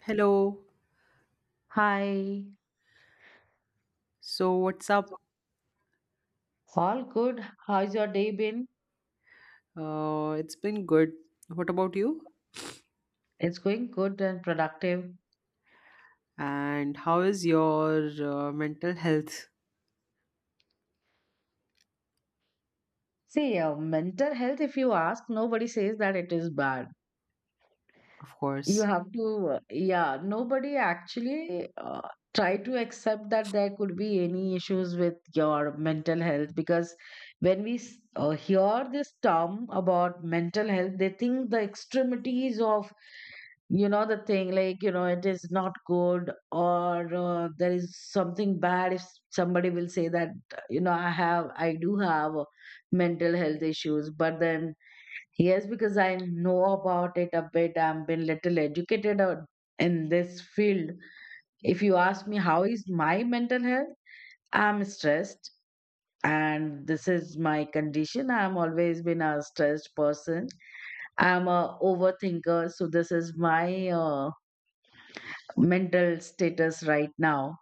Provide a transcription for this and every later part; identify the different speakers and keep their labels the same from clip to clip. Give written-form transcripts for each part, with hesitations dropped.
Speaker 1: Hello.
Speaker 2: Hi,
Speaker 1: So, what's up?
Speaker 2: all good. How's your day been?
Speaker 1: It's been good. What about you?
Speaker 2: It's going good and productive.
Speaker 1: And how is your mental health,
Speaker 2: See, mental health, if you ask, nobody says that it is bad.
Speaker 1: of
Speaker 2: You
Speaker 1: course?
Speaker 2: have to, yeah, nobody actually try to accept that there could be any issues with your mental health because when we hear this term about mental health, they think the extremities of, you know, the thing, like, you know, it is not good, or there is something bad if somebody will say that, you know, I do have mental health issues. But then yes, because I know about it a bit, I've been little educated in this field. If you ask me how is my mental health, I'm stressed, and this is my condition. I'm always been a stressed person. I'm a overthinker, so this is my mental status right now,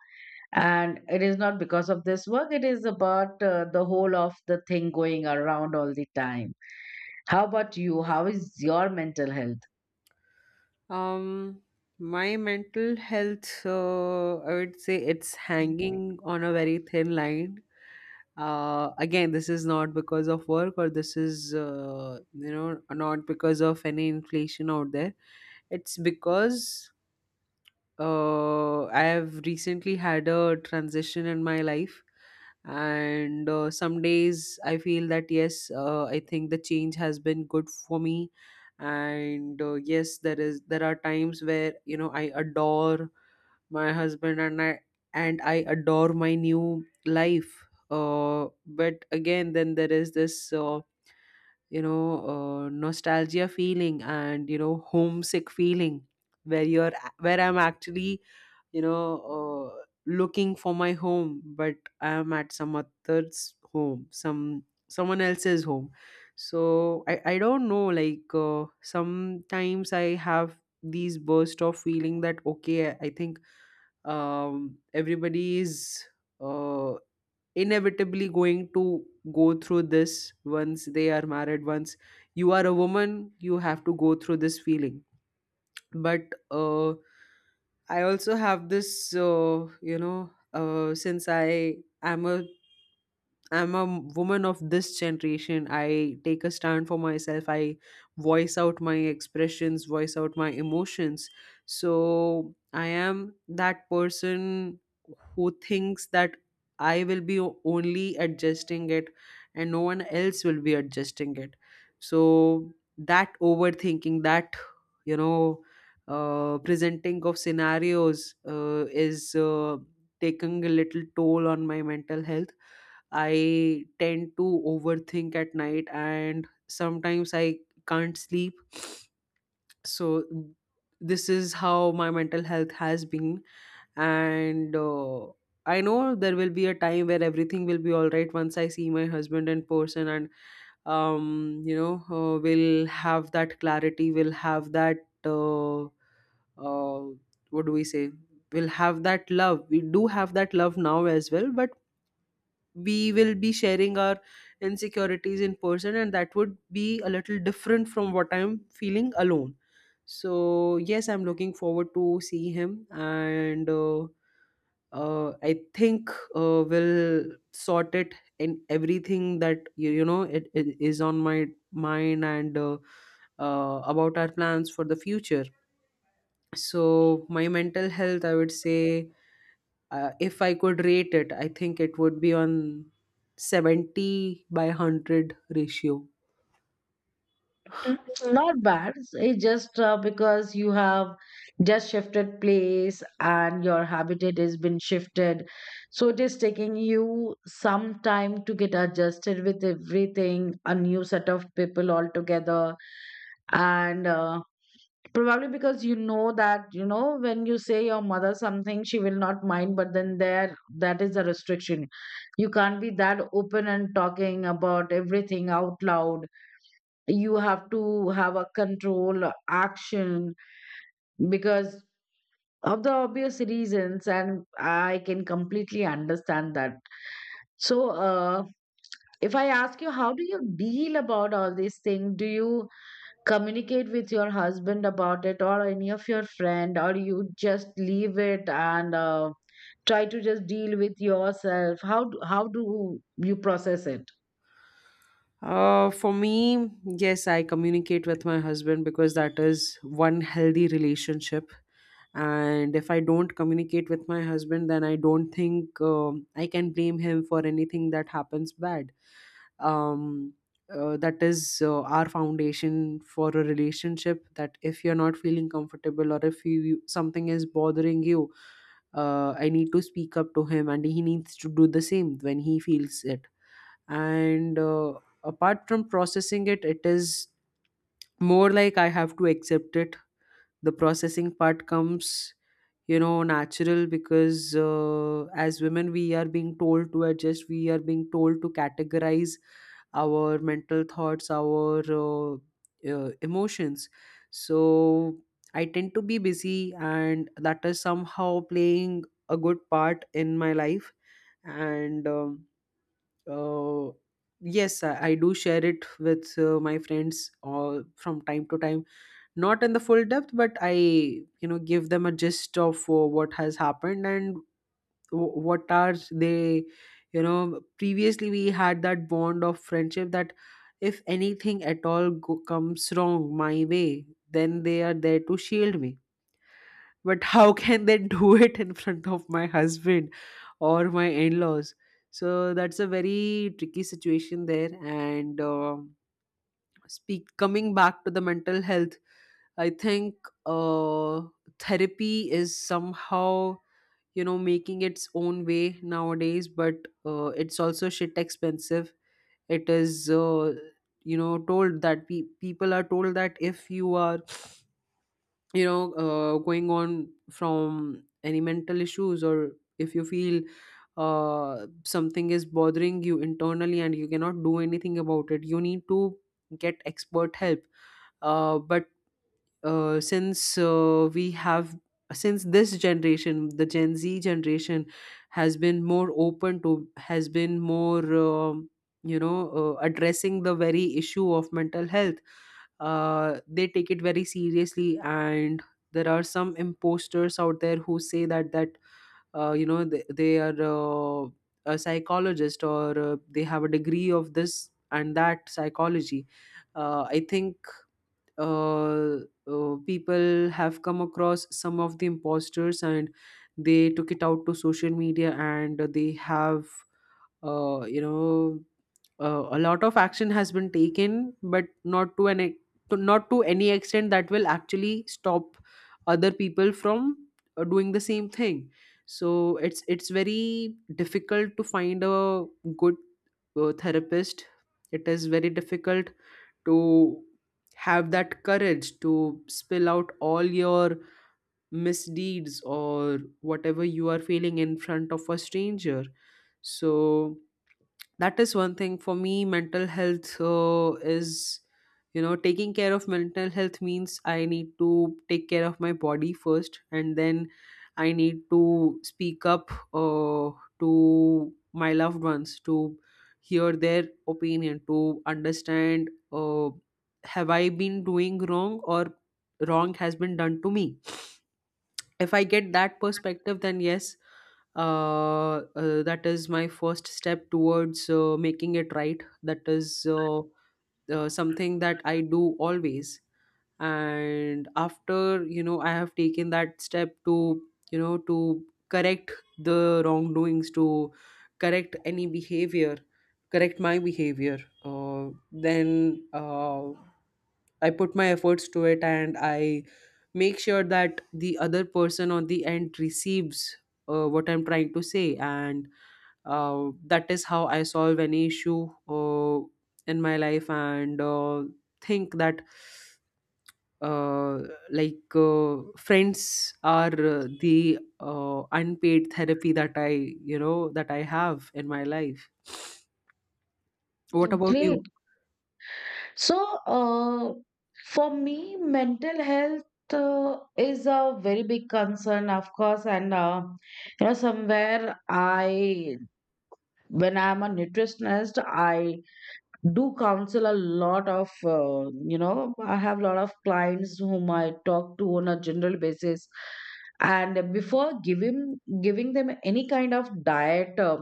Speaker 2: and it is not because of this work, it is about the whole of the thing going around all the time. How about you, how is your mental health?
Speaker 1: Um, my mental health, I would say it's hanging on a very thin line. Again, this is not because of work or this is, not because of any inflation out there. It's because I have recently had a transition in my life, and some days I feel that yes, I think the change has been good for me, and yes, there are times where you know I adore my husband and I adore my new life. But again, then there is this nostalgia feeling and you know homesick feeling where you're where I'm actually you know uh, looking for my home, but I am at some other's home some someone else's home. So I don't know, like sometimes I have these bursts of feeling that okay, I think, everybody is uh, inevitably going to go through this. Once they are married, once you are a woman, you have to go through this feeling. But I also have this, since I'm a woman of this generation. I take a stand for myself. I voice out my expressions, voice out my emotions. So I am that person who thinks that I will be only adjusting it, and no one else will be adjusting it. So that overthinking, that, you know, presenting of scenarios is taking a little toll on my mental health. I tend to overthink at night, and sometimes I can't sleep. So, this is how my mental health has been. And I know there will be a time where everything will be all right once I see my husband in person, and, we'll have that clarity, we'll have that. Uh, uh, what do we say? We'll have that love. We do have that love now as well, but we will be sharing our insecurities in person, and that would be a little different from what I'm feeling alone. So yes, I'm looking forward to see him, and I think we'll sort it and everything that you know it is on my mind and about our plans for the future. So my mental health, I would say, if I could rate it, I think it would be on 70 by 100 ratio.
Speaker 2: Mm, not bad, it's just because you have just shifted place and your habitat has been shifted, so it is taking you some time to get adjusted with everything, a new set of people altogether. And probably because you know that, you know, when you say your mother something, she will not mind, but then there, that is the restriction. You can't be that open and talking about everything out loud. You have to have a control action because of the obvious reasons, and I can completely understand that. So, if I ask you, how do you deal about all these things? Do you communicate with your husband about it, or any of your friend, or you just leave it and try to just deal with yourself? How do you process it?
Speaker 1: For me, yes, I communicate with my husband, because that is one healthy relationship. And if I don't communicate with my husband, then I don't think I can blame him for anything that happens bad. Um, that is our foundation for a relationship. That if you're not feeling comfortable, or if you something is bothering you, I need to speak up to him, and he needs to do the same when he feels it. And apart from processing it, it is more like I have to accept it. The processing part comes, you know, natural because as women we are being told to adjust, we are being told to categorize our mental thoughts, our emotions. So I tend to be busy, and that is somehow playing a good part in my life. And uh, yes I do share it with my friends all from time to time, not in the full depth, but I, you know, give them a gist of what has happened. And what are they, you know, previously we had that bond of friendship that if anything at all comes wrong my way, then they are there to shield me. But how can they do it in front of my husband or my in-laws? So that's a very tricky situation there. And um, speak coming back to the mental health, I think uh, therapy is somehow, you know, making its own way nowadays. But it's also shit expensive. It is, you know, told that people are told that if you are, you know, going on from any mental issues, or if you feel something is bothering you internally and you cannot do anything about it, you need to get expert help. But since we have, since this generation, the gen z generation, has been more open to, has been more, addressing the very issue of mental health. They take it very seriously, and there are some imposters out there who say that you know they are a psychologist or they have a degree of this and that psychology. I think uh, People have come across some of the imposters, and they took it out to social media, and they have, uh, you know a lot of action has been taken, but not to to, not to any extent that will actually stop other people from doing the same thing. So it's very difficult to find a good therapist. It is very difficult to have that courage to spill out all your misdeeds or whatever you are feeling in front of a stranger. So that is one thing. For me, mental health is, you know, taking care of mental health means I need to take care of my body first, and then I need to speak up uh, to my loved ones, to hear their opinion, to understand, have I been doing wrong, or wrong has been done to me. If I get that perspective, then yes, that is my first step towards making it right. That is something that I do always. And after, you know, I have taken that step to, you know, to correct the wrongdoings, to correct any behavior, correct my behavior, then I put my efforts to it, and I make sure that the other person on the end receives what I'm trying to say. And that is how I solve any issue in my life. And think that uh, friends are the unpaid therapy that I, you know, that I have in my life. What about you?
Speaker 2: Great. So uh, for me, mental health is a very big concern, of course. And you know, somewhere, I, when I'm a nutritionist, I do counsel a lot of, you know, I have a lot of clients whom I talk to on a general basis. And before giving them any kind of diet, uh,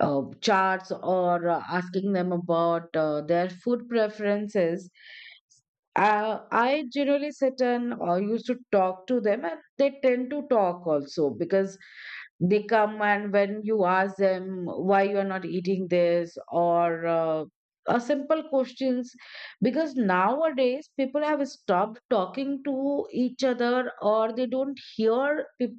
Speaker 2: uh, charts, or asking them about their food preferences. I generally sit and used to talk to them, and they tend to talk also because they come, and when you ask them why you are not eating this or simple questions, because nowadays people have stopped talking to each other, or they don't hear peop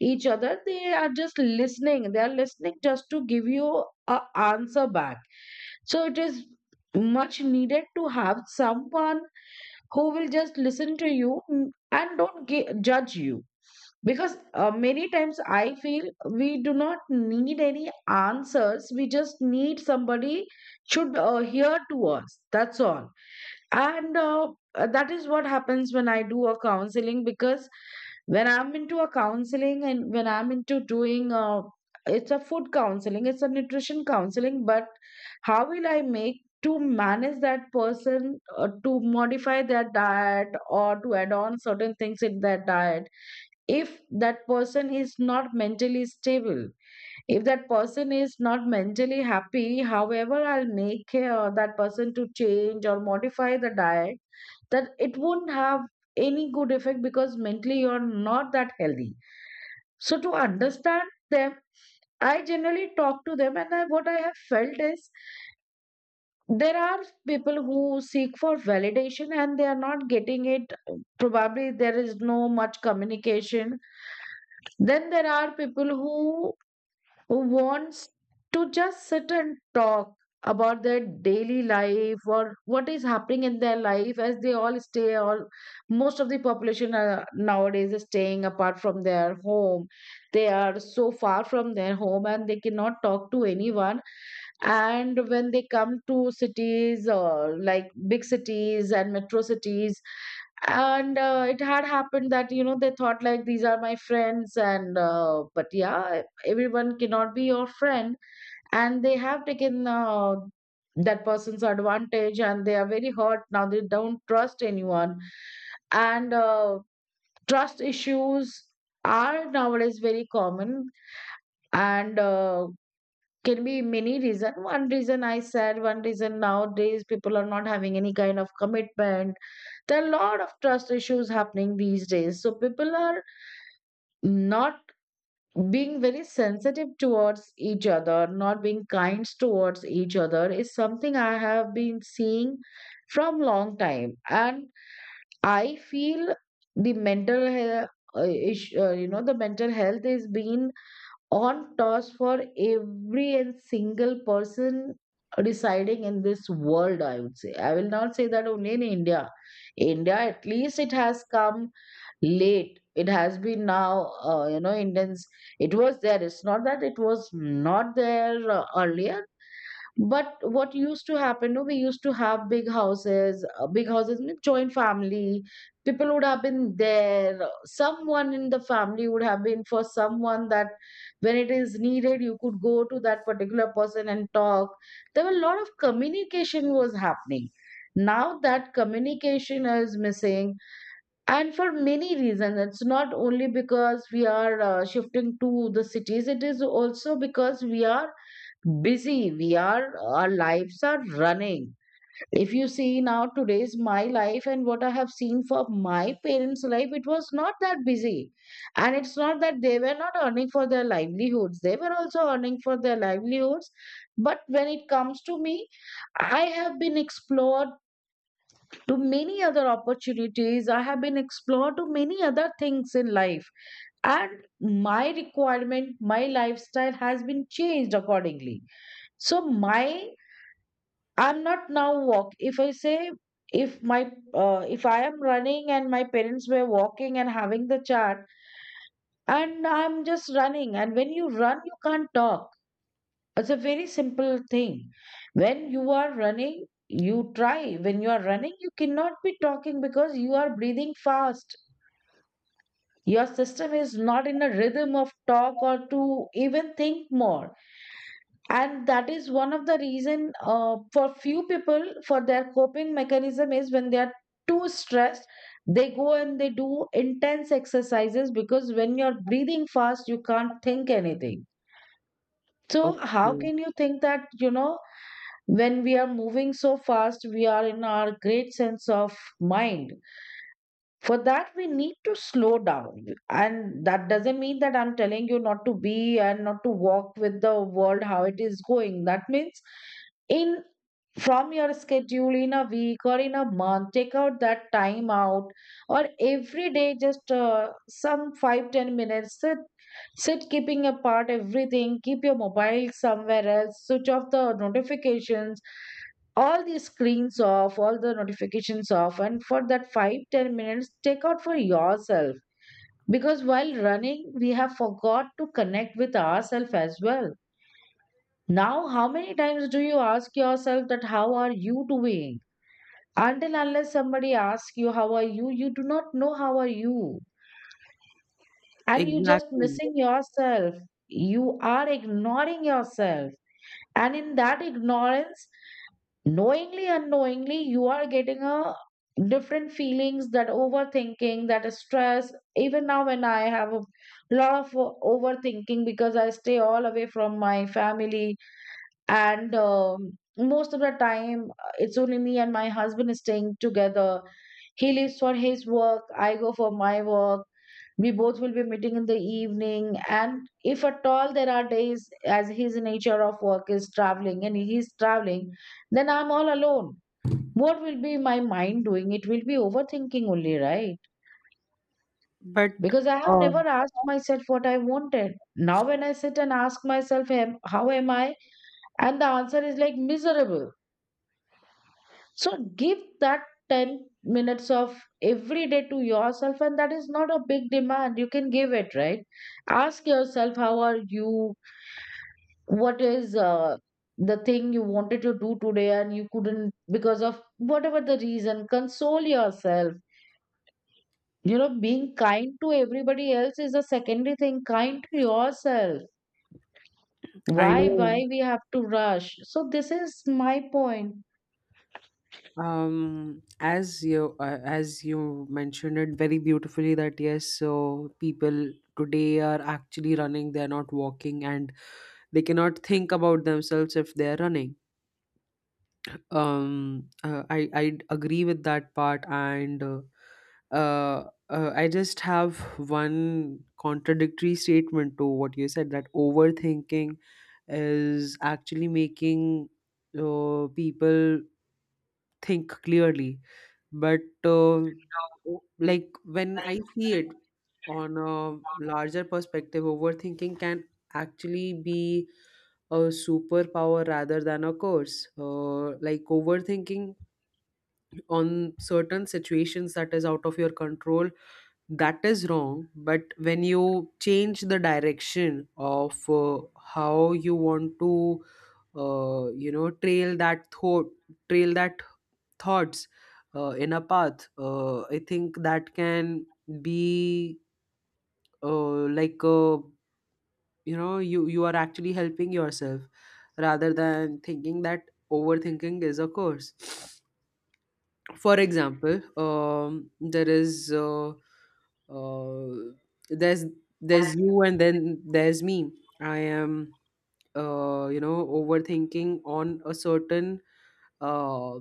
Speaker 2: each other. They are just listening, they are listening just to give you a answer back. So it is much needed to have someone who will just listen to you, mm, and don't judge you. Because many times I feel we do not need any answers, we just need somebody should hear to us, that's all. And that is what happens when I do a counseling. Because when I'm into a counseling, and when I'm into doing a, it's a food counseling, it's a nutrition counseling, but how will I make to manage that person to modify their diet or to add on certain things in their diet if that person is not mentally stable, if that person is not mentally happy, however I'll make that person to change or modify the diet, that it won't have any good effect because mentally you're not that healthy. So to understand them, I generally talk to them, and I, what I have felt is, there are people who seek for validation and they are not getting it. Probably there is no much communication. Then there are people who wants to just sit and talk about their daily life, or what is happening in their life, as they all stay all, most of the population are nowadays is staying apart from their home. They are so far from their home, and they cannot talk to anyone. And when they come to cities, or like big cities and metro cities, and it had happened that, you know, they thought like these are my friends, and but yeah, everyone cannot be your friend, and they have taken that person's advantage, and they are very hurt now, they don't trust anyone. And trust issues are nowadays very common. And can be many reason. One reason, I said one reason, nowadays people are not having any kind of commitment. There are a lot of trust issues happening these days, so people are not being very sensitive towards each other, not being kind towards each other, is something I have been seeing from long time. And I feel the mental health, you know, the mental health is being on toss for every and single person residing in this world, I would say. I will not say that only in India. India, at least it has come late, it has been now, you know, Indians, it was there, it's not that it was not there earlier, but what used to happen, no, we used to have big houses. Big houses mean joint family. People would have been there, someone in the family would have been for someone, that when it is needed you could go to that particular person and talk. There were a lot of communication was happening. Now that communication is missing, and for many reasons. It's not only because we are shifting to the cities, it is also because we are busy, we are, our lives are running. If you see now today's my life, and what I have seen for my parents life, it was not that busy. And it's not that they were not earning for their livelihoods, they were also earning for their livelihoods. But when it comes to me, I have been explored to many other opportunities. I have been explored to many other things in life. And my requirement, my lifestyle has been changed accordingly. So my, I'm not now walk. If I say, if my if I am running and my parents were walking and having the chat, and I'm just running, and when you run you can't talk. It's a very simple thing. When you are running, you try, when you are running you cannot be talking because you are breathing fast. Your system is not in a rhythm of talk or to even think more. And that is one of the reason for few people, for their coping mechanism is, when they are too stressed, they go and they do intense exercises, because when you're breathing fast, you can't think anything. So how
Speaker 1: Okay,
Speaker 2: can you think that, you know, when we are moving so fast, we are in our great sense of mind? For that we need to slow down, and that doesn't mean that I'm telling you not to be and not to walk with the world how it is going. That means in, from your schedule in a week or in a month, take out that time out, or every day just some 5-10 minutes sit, sit keeping apart everything, keep your mobile somewhere else, switch off the notifications, all the screens off, all the notifications off, and for that 5-10 minutes, take out for yourself. Because while running, we have forgot to connect with ourselves as well. Now, how many times do you ask yourself that how are you doing? Until unless somebody asks you how are you, you do not know how are you, and you just
Speaker 1: exactly.
Speaker 2: missing yourself. You are ignoring yourself, and in that ignorance knowingly unknowingly you are getting a different feelings, that overthinking, that stress. Even now when I have a lot of overthinking, because I stay all away from my family, and most of the time it's only me and my husband staying together. He lives for his work, I go for my work, we both will be meeting in the evening. And if at all there are days, as his nature of work is traveling and he's traveling, then I'm all alone. What will be my mind doing? It will be overthinking only, right?
Speaker 1: But
Speaker 2: Because I have
Speaker 1: uh,
Speaker 2: never asked myself what I wanted. Now, when I sit and ask myself, "Am- how am I?" And the answer is like miserable. So, give that 10 minutes of every day to yourself, and that is not a big demand. You can give it, right? Ask yourself how are you, what is the thing you wanted to do today and you couldn't because of whatever the reason. Console yourself. You know, being kind to everybody else is a secondary thing. Kind to yourself.
Speaker 1: I
Speaker 2: Why
Speaker 1: know,
Speaker 2: we have to rush? So this is my point.
Speaker 1: um, as you, as you mentioned it very beautifully, that yes, so people today are actually running, they're not walking, and they cannot think about themselves if they're running. I agree with that part, and I just have one contradictory statement to what you said, that overthinking is actually making people think clearly. But like when I see it on a larger perspective, overthinking can actually be a superpower rather than a curse. Like overthinking on certain situations that is out of your control, that is wrong. But when you change the direction of how you want to, trail that thought, trail that thoughts in a path, I think that can be, uh, like uh, you know, you are actually helping yourself rather than thinking that overthinking is a curse. For example, there is, uh, there's there's you and then there's me. I am, you know, overthinking on a certain uh,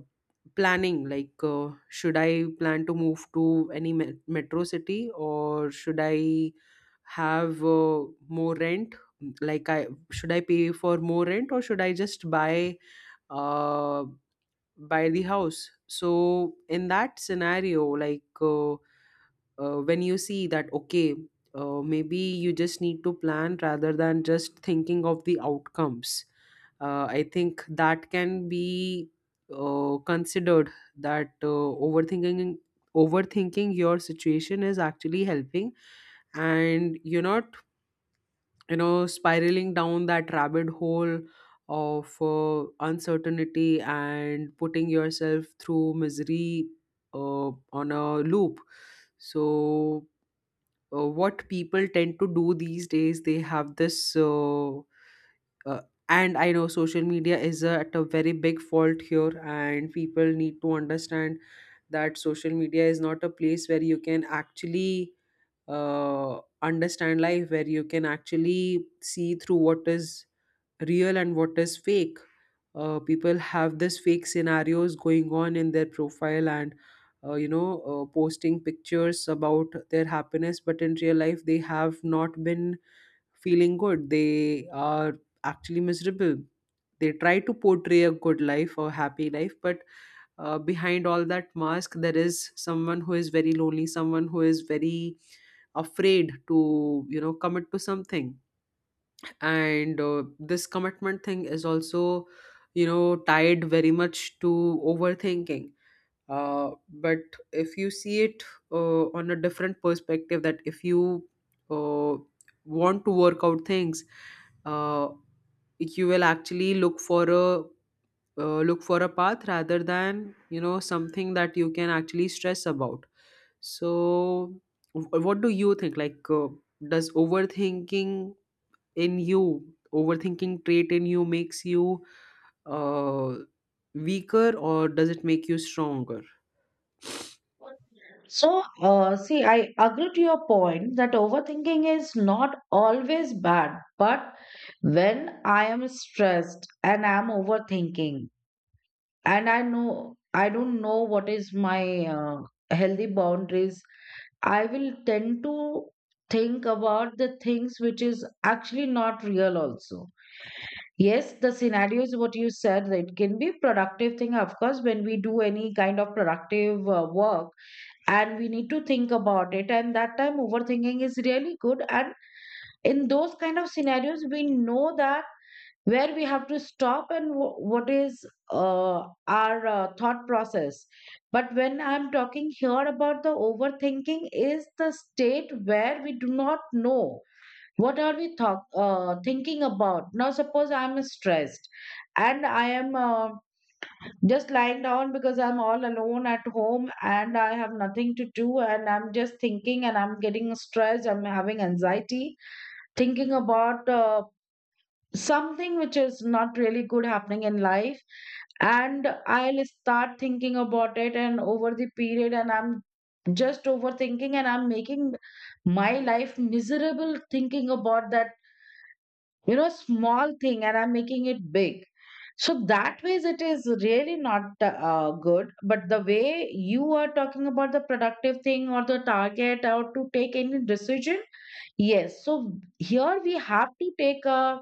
Speaker 1: planning, like should I plan to move to any metro city, or should I have more rent, like I should I pay for more rent or should I just buy uh, buy the house. So in that scenario, when you see that okay, maybe you just need to plan rather than just thinking of the outcomes. I think that can be considered, that overthinking your situation is actually helping, and you're not, you know, spiraling down that rabbit hole of uncertainty and putting yourself through misery uh, on a loop. So what people tend to do these days, they have this, uh, and I know social media is at a very big fault here, and people need to understand that social media is not a place where you can actually understand life, where you can actually see through what is real and what is fake. Uh, people have this fake scenarios going on in their profile, and you know, posting pictures about their happiness, but in real life they have not been feeling good, they are actually miserable. They try to portray a good life or happy life, but behind all that mask there is someone who is very lonely, someone who is very afraid to, you know, commit to something. And this commitment thing is also, you know, tied very much to overthinking. Uh, but if you see it on a different perspective, that if you uh, want to work out things, uh, you will actually look for a path rather than, you know, something that you can actually stress about. So what do you think, does overthinking in you, overthinking trait in you, makes you uh, weaker, or does it make you stronger?
Speaker 2: So see, I agree to your point that overthinking is not always bad. But when I am stressed and I am overthinking, and I know I don't know what is my uh, healthy boundaries, I will tend to think about the things which is actually not real also. Yes, the scenarios what you said, that it can be productive thing. Of course, when we do any kind of productive work and we need to think about it, and that time overthinking is really good. And in those kind of scenarios we know that where we have to stop and what is uh, our thought process. But when I'm talking here about the overthinking is the state where we do not know what are we thinking about. Now suppose I'm stressed and I am just lying down because I'm all alone at home and I have nothing to do, and I'm just thinking and I'm getting stressed, I'm having anxiety, thinking about something which is not really good happening in life. And I'll start thinking about it, and over the period, and I'm just overthinking and I'm making my life miserable thinking about that, you know, small thing, and I'm making it big. So that ways it is really not good. But the way you are talking about the productive thing or the target or to take any decision, yes, so here we have to take a,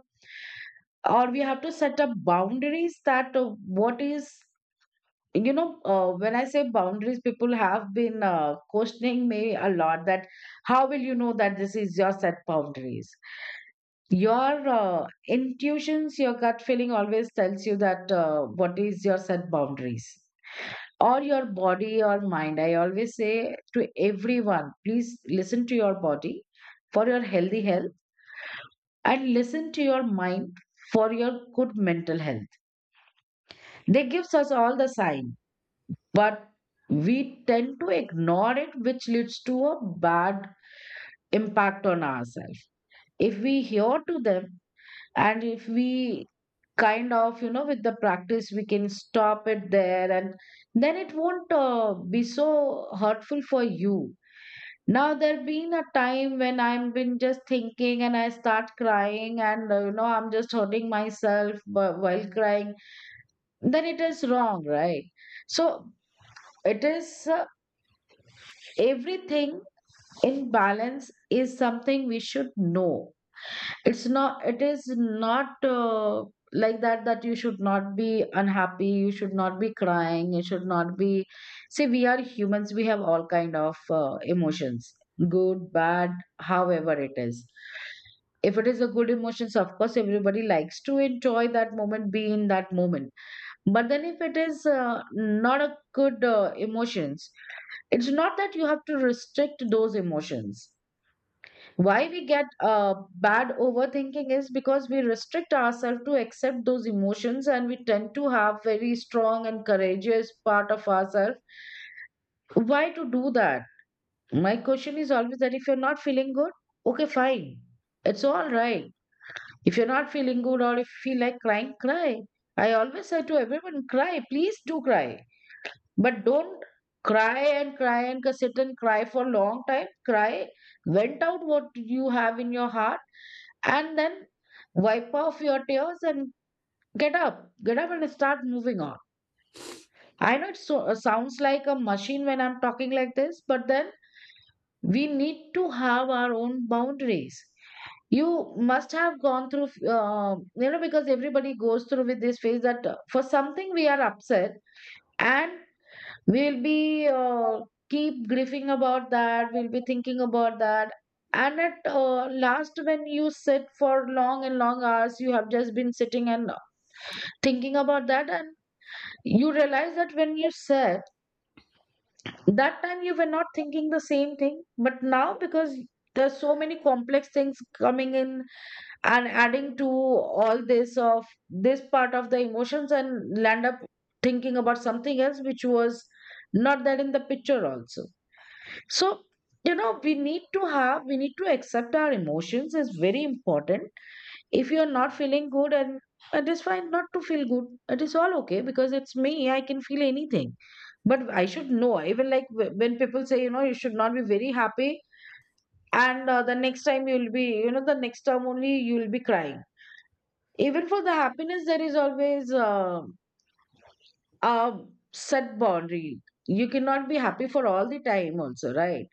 Speaker 2: or we have to set up boundaries that what is, you know, when I say boundaries, people have been questioning me a lot that how will you know that this is your set boundaries. Your intuitions, your gut feeling always tells you that what is your set boundaries, or your body or mind. I always say to everyone, please listen to your body for your healthy health, and listen to your mind for your good mental health. They gives us all the sign, but we tend to ignore it, which leads to a bad impact on ourselves. If we hear to them, and if we kind of, you know, with the practice, we can stop it there, and then it won't be so hurtful for you. Now there been a time when I've been just thinking and I start crying, and you know, I'm just hurting myself while crying. Then it is wrong, right? So it is. Everything in balance is something we should know. It's not, it is not like that, that you should not be unhappy, you should not be crying, you should not be. See, we are humans, we have all kind of emotions, good, bad, however it is. If it is a good emotions, of course everybody likes to enjoy that moment, be in that moment. But then if it is not a good emotions, it's not that you have to restrict those emotions. Why we get bad overthinking is because we restrict ourselves to accept those emotions, and we tend to have very strong and courageous part of ourselves. Why to do that? My question is always that if you're not feeling good, okay, fine. It's all right. If you're not feeling good or if you feel like crying, cry. I always say to everyone, cry, please do cry. But don't cry and cry and sit and cry for a long time. Cry, vent out what you have in your heart, and then wipe off your tears and get up. Get up and start moving on. I know it so, sounds like a machine when I'm talking like this, but then we need to have our own boundaries. You must have gone through, you know, because everybody goes through with this phase that for something we are upset, and we'll be keep grieving about that. We'll be thinking about that. And at last, when you sit for long and long hours, you have just been sitting and thinking about that, and you realize that when you sat, that time you were not thinking the same thing. But now, because there's so many complex things coming in and adding to all this of this part of the emotions, and land up thinking about something else which was not that in the picture also. So, you know, we need to have, we need to accept our emotions is very important. If you're not feeling good, and it is fine not to feel good, it is all okay because it's me, I can feel anything. But I should know, even like when people say, you know, you should not be very happy, and the next time you'll be, you know, the next time only you'll be crying. Even for the happiness, there is always a set boundary. You cannot be happy for all the time also, right?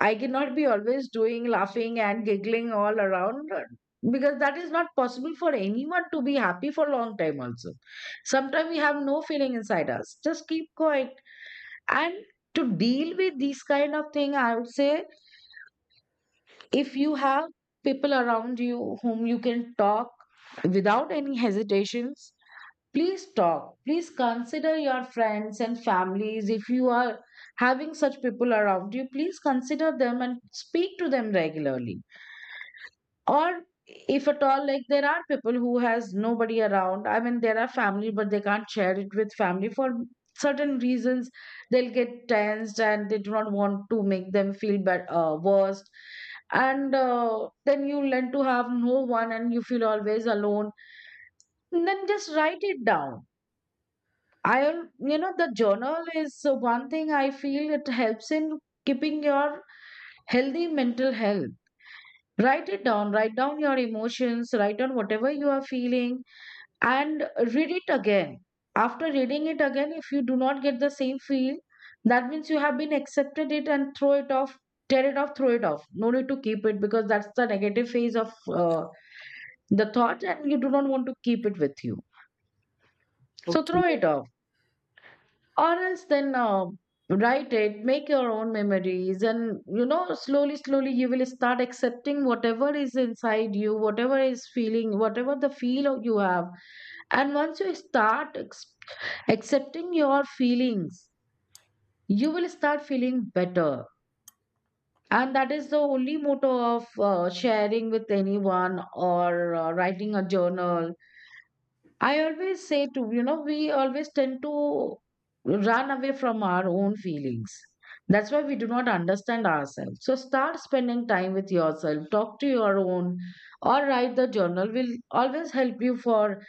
Speaker 2: I cannot be always doing laughing and giggling all around because that is not possible for anyone to be happy for long time also. Sometimes we have no feeling inside us. Just keep quiet. And to deal with these kind of thing, I would say if you have people around you whom you can talk without any hesitations, please talk. Please consider your friends and families. If you are having such people around you, please consider them and speak to them regularly. Or if at all, like, there are people who has nobody around, I mean, there are family but they can't share it with family for certain reasons, they'll get tensed and they do not want to make them feel bad, worse. And then you learn to have no one and you feel always alone. And then just write it down. i am- you know, the journal is one thing I feel it helps in keeping your healthy mental health. Write it down, write down your emotions, write down whatever you are feeling, and read it again. After reading it again, if you do not get the same feel, that means you have been accepted it, and throw it off, tear it off, throw it off. No need to keep it, because that's the negative phase of the thought, and you do not want to keep it with you. So
Speaker 1: Okay.
Speaker 2: throw it off. Or else then write it, make your own memories, and you know, slowly slowly you will start accepting whatever is inside you, whatever is feeling, whatever the you have. And once you start accepting your feelings, you will start feeling better. And that is the only motto of sharing with anyone or writing a journal. I always say to, you know, we always tend to run away from our own feelings. That's why we do not understand ourselves. So start spending time with yourself, talk to your own, or write the journal, will always help you for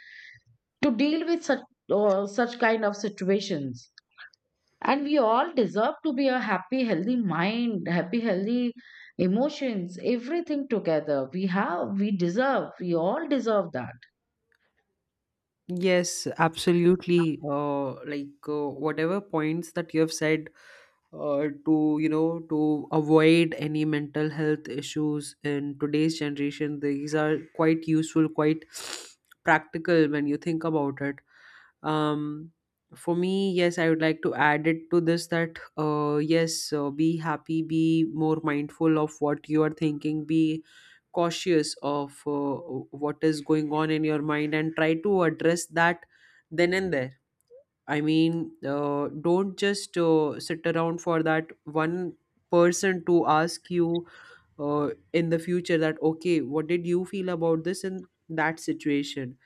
Speaker 2: to deal with such such kind of situations. And we all deserve to be a happy, healthy mind, happy, healthy emotions, everything together. We have, we deserve, we all deserve that.
Speaker 1: Yes, absolutely. Like whatever points that you have said, to, you know, to avoid any mental health issues in today's generation, these are quite useful, quite practical when you think about it. Um, for me, yes, I would like to add it to this that yes, be happy, be more mindful of what you are thinking, be cautious of what is going on in your mind, and try to address that then and there. I mean, don't just sit around for that one person to ask you in the future that okay, what did you feel about this in that situation.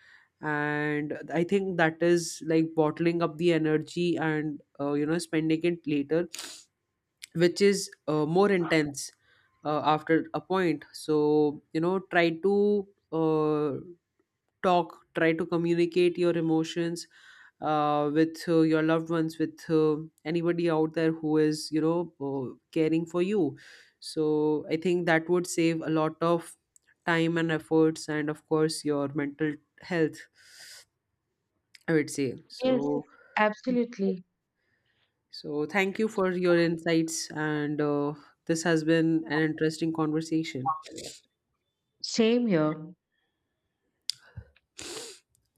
Speaker 1: And I think that is like bottling up the energy and you know, spending it later, which is more intense after a point. So you know, try to talk, try to communicate your emotions with your loved ones, with anybody out there who is, you know, caring for you. So I think that would save a lot of time and efforts, and of course your mental health, I would say.
Speaker 2: Yes,
Speaker 1: So,
Speaker 2: absolutely.
Speaker 1: So, thank you for your insights, and this has been an interesting conversation.
Speaker 2: Same here.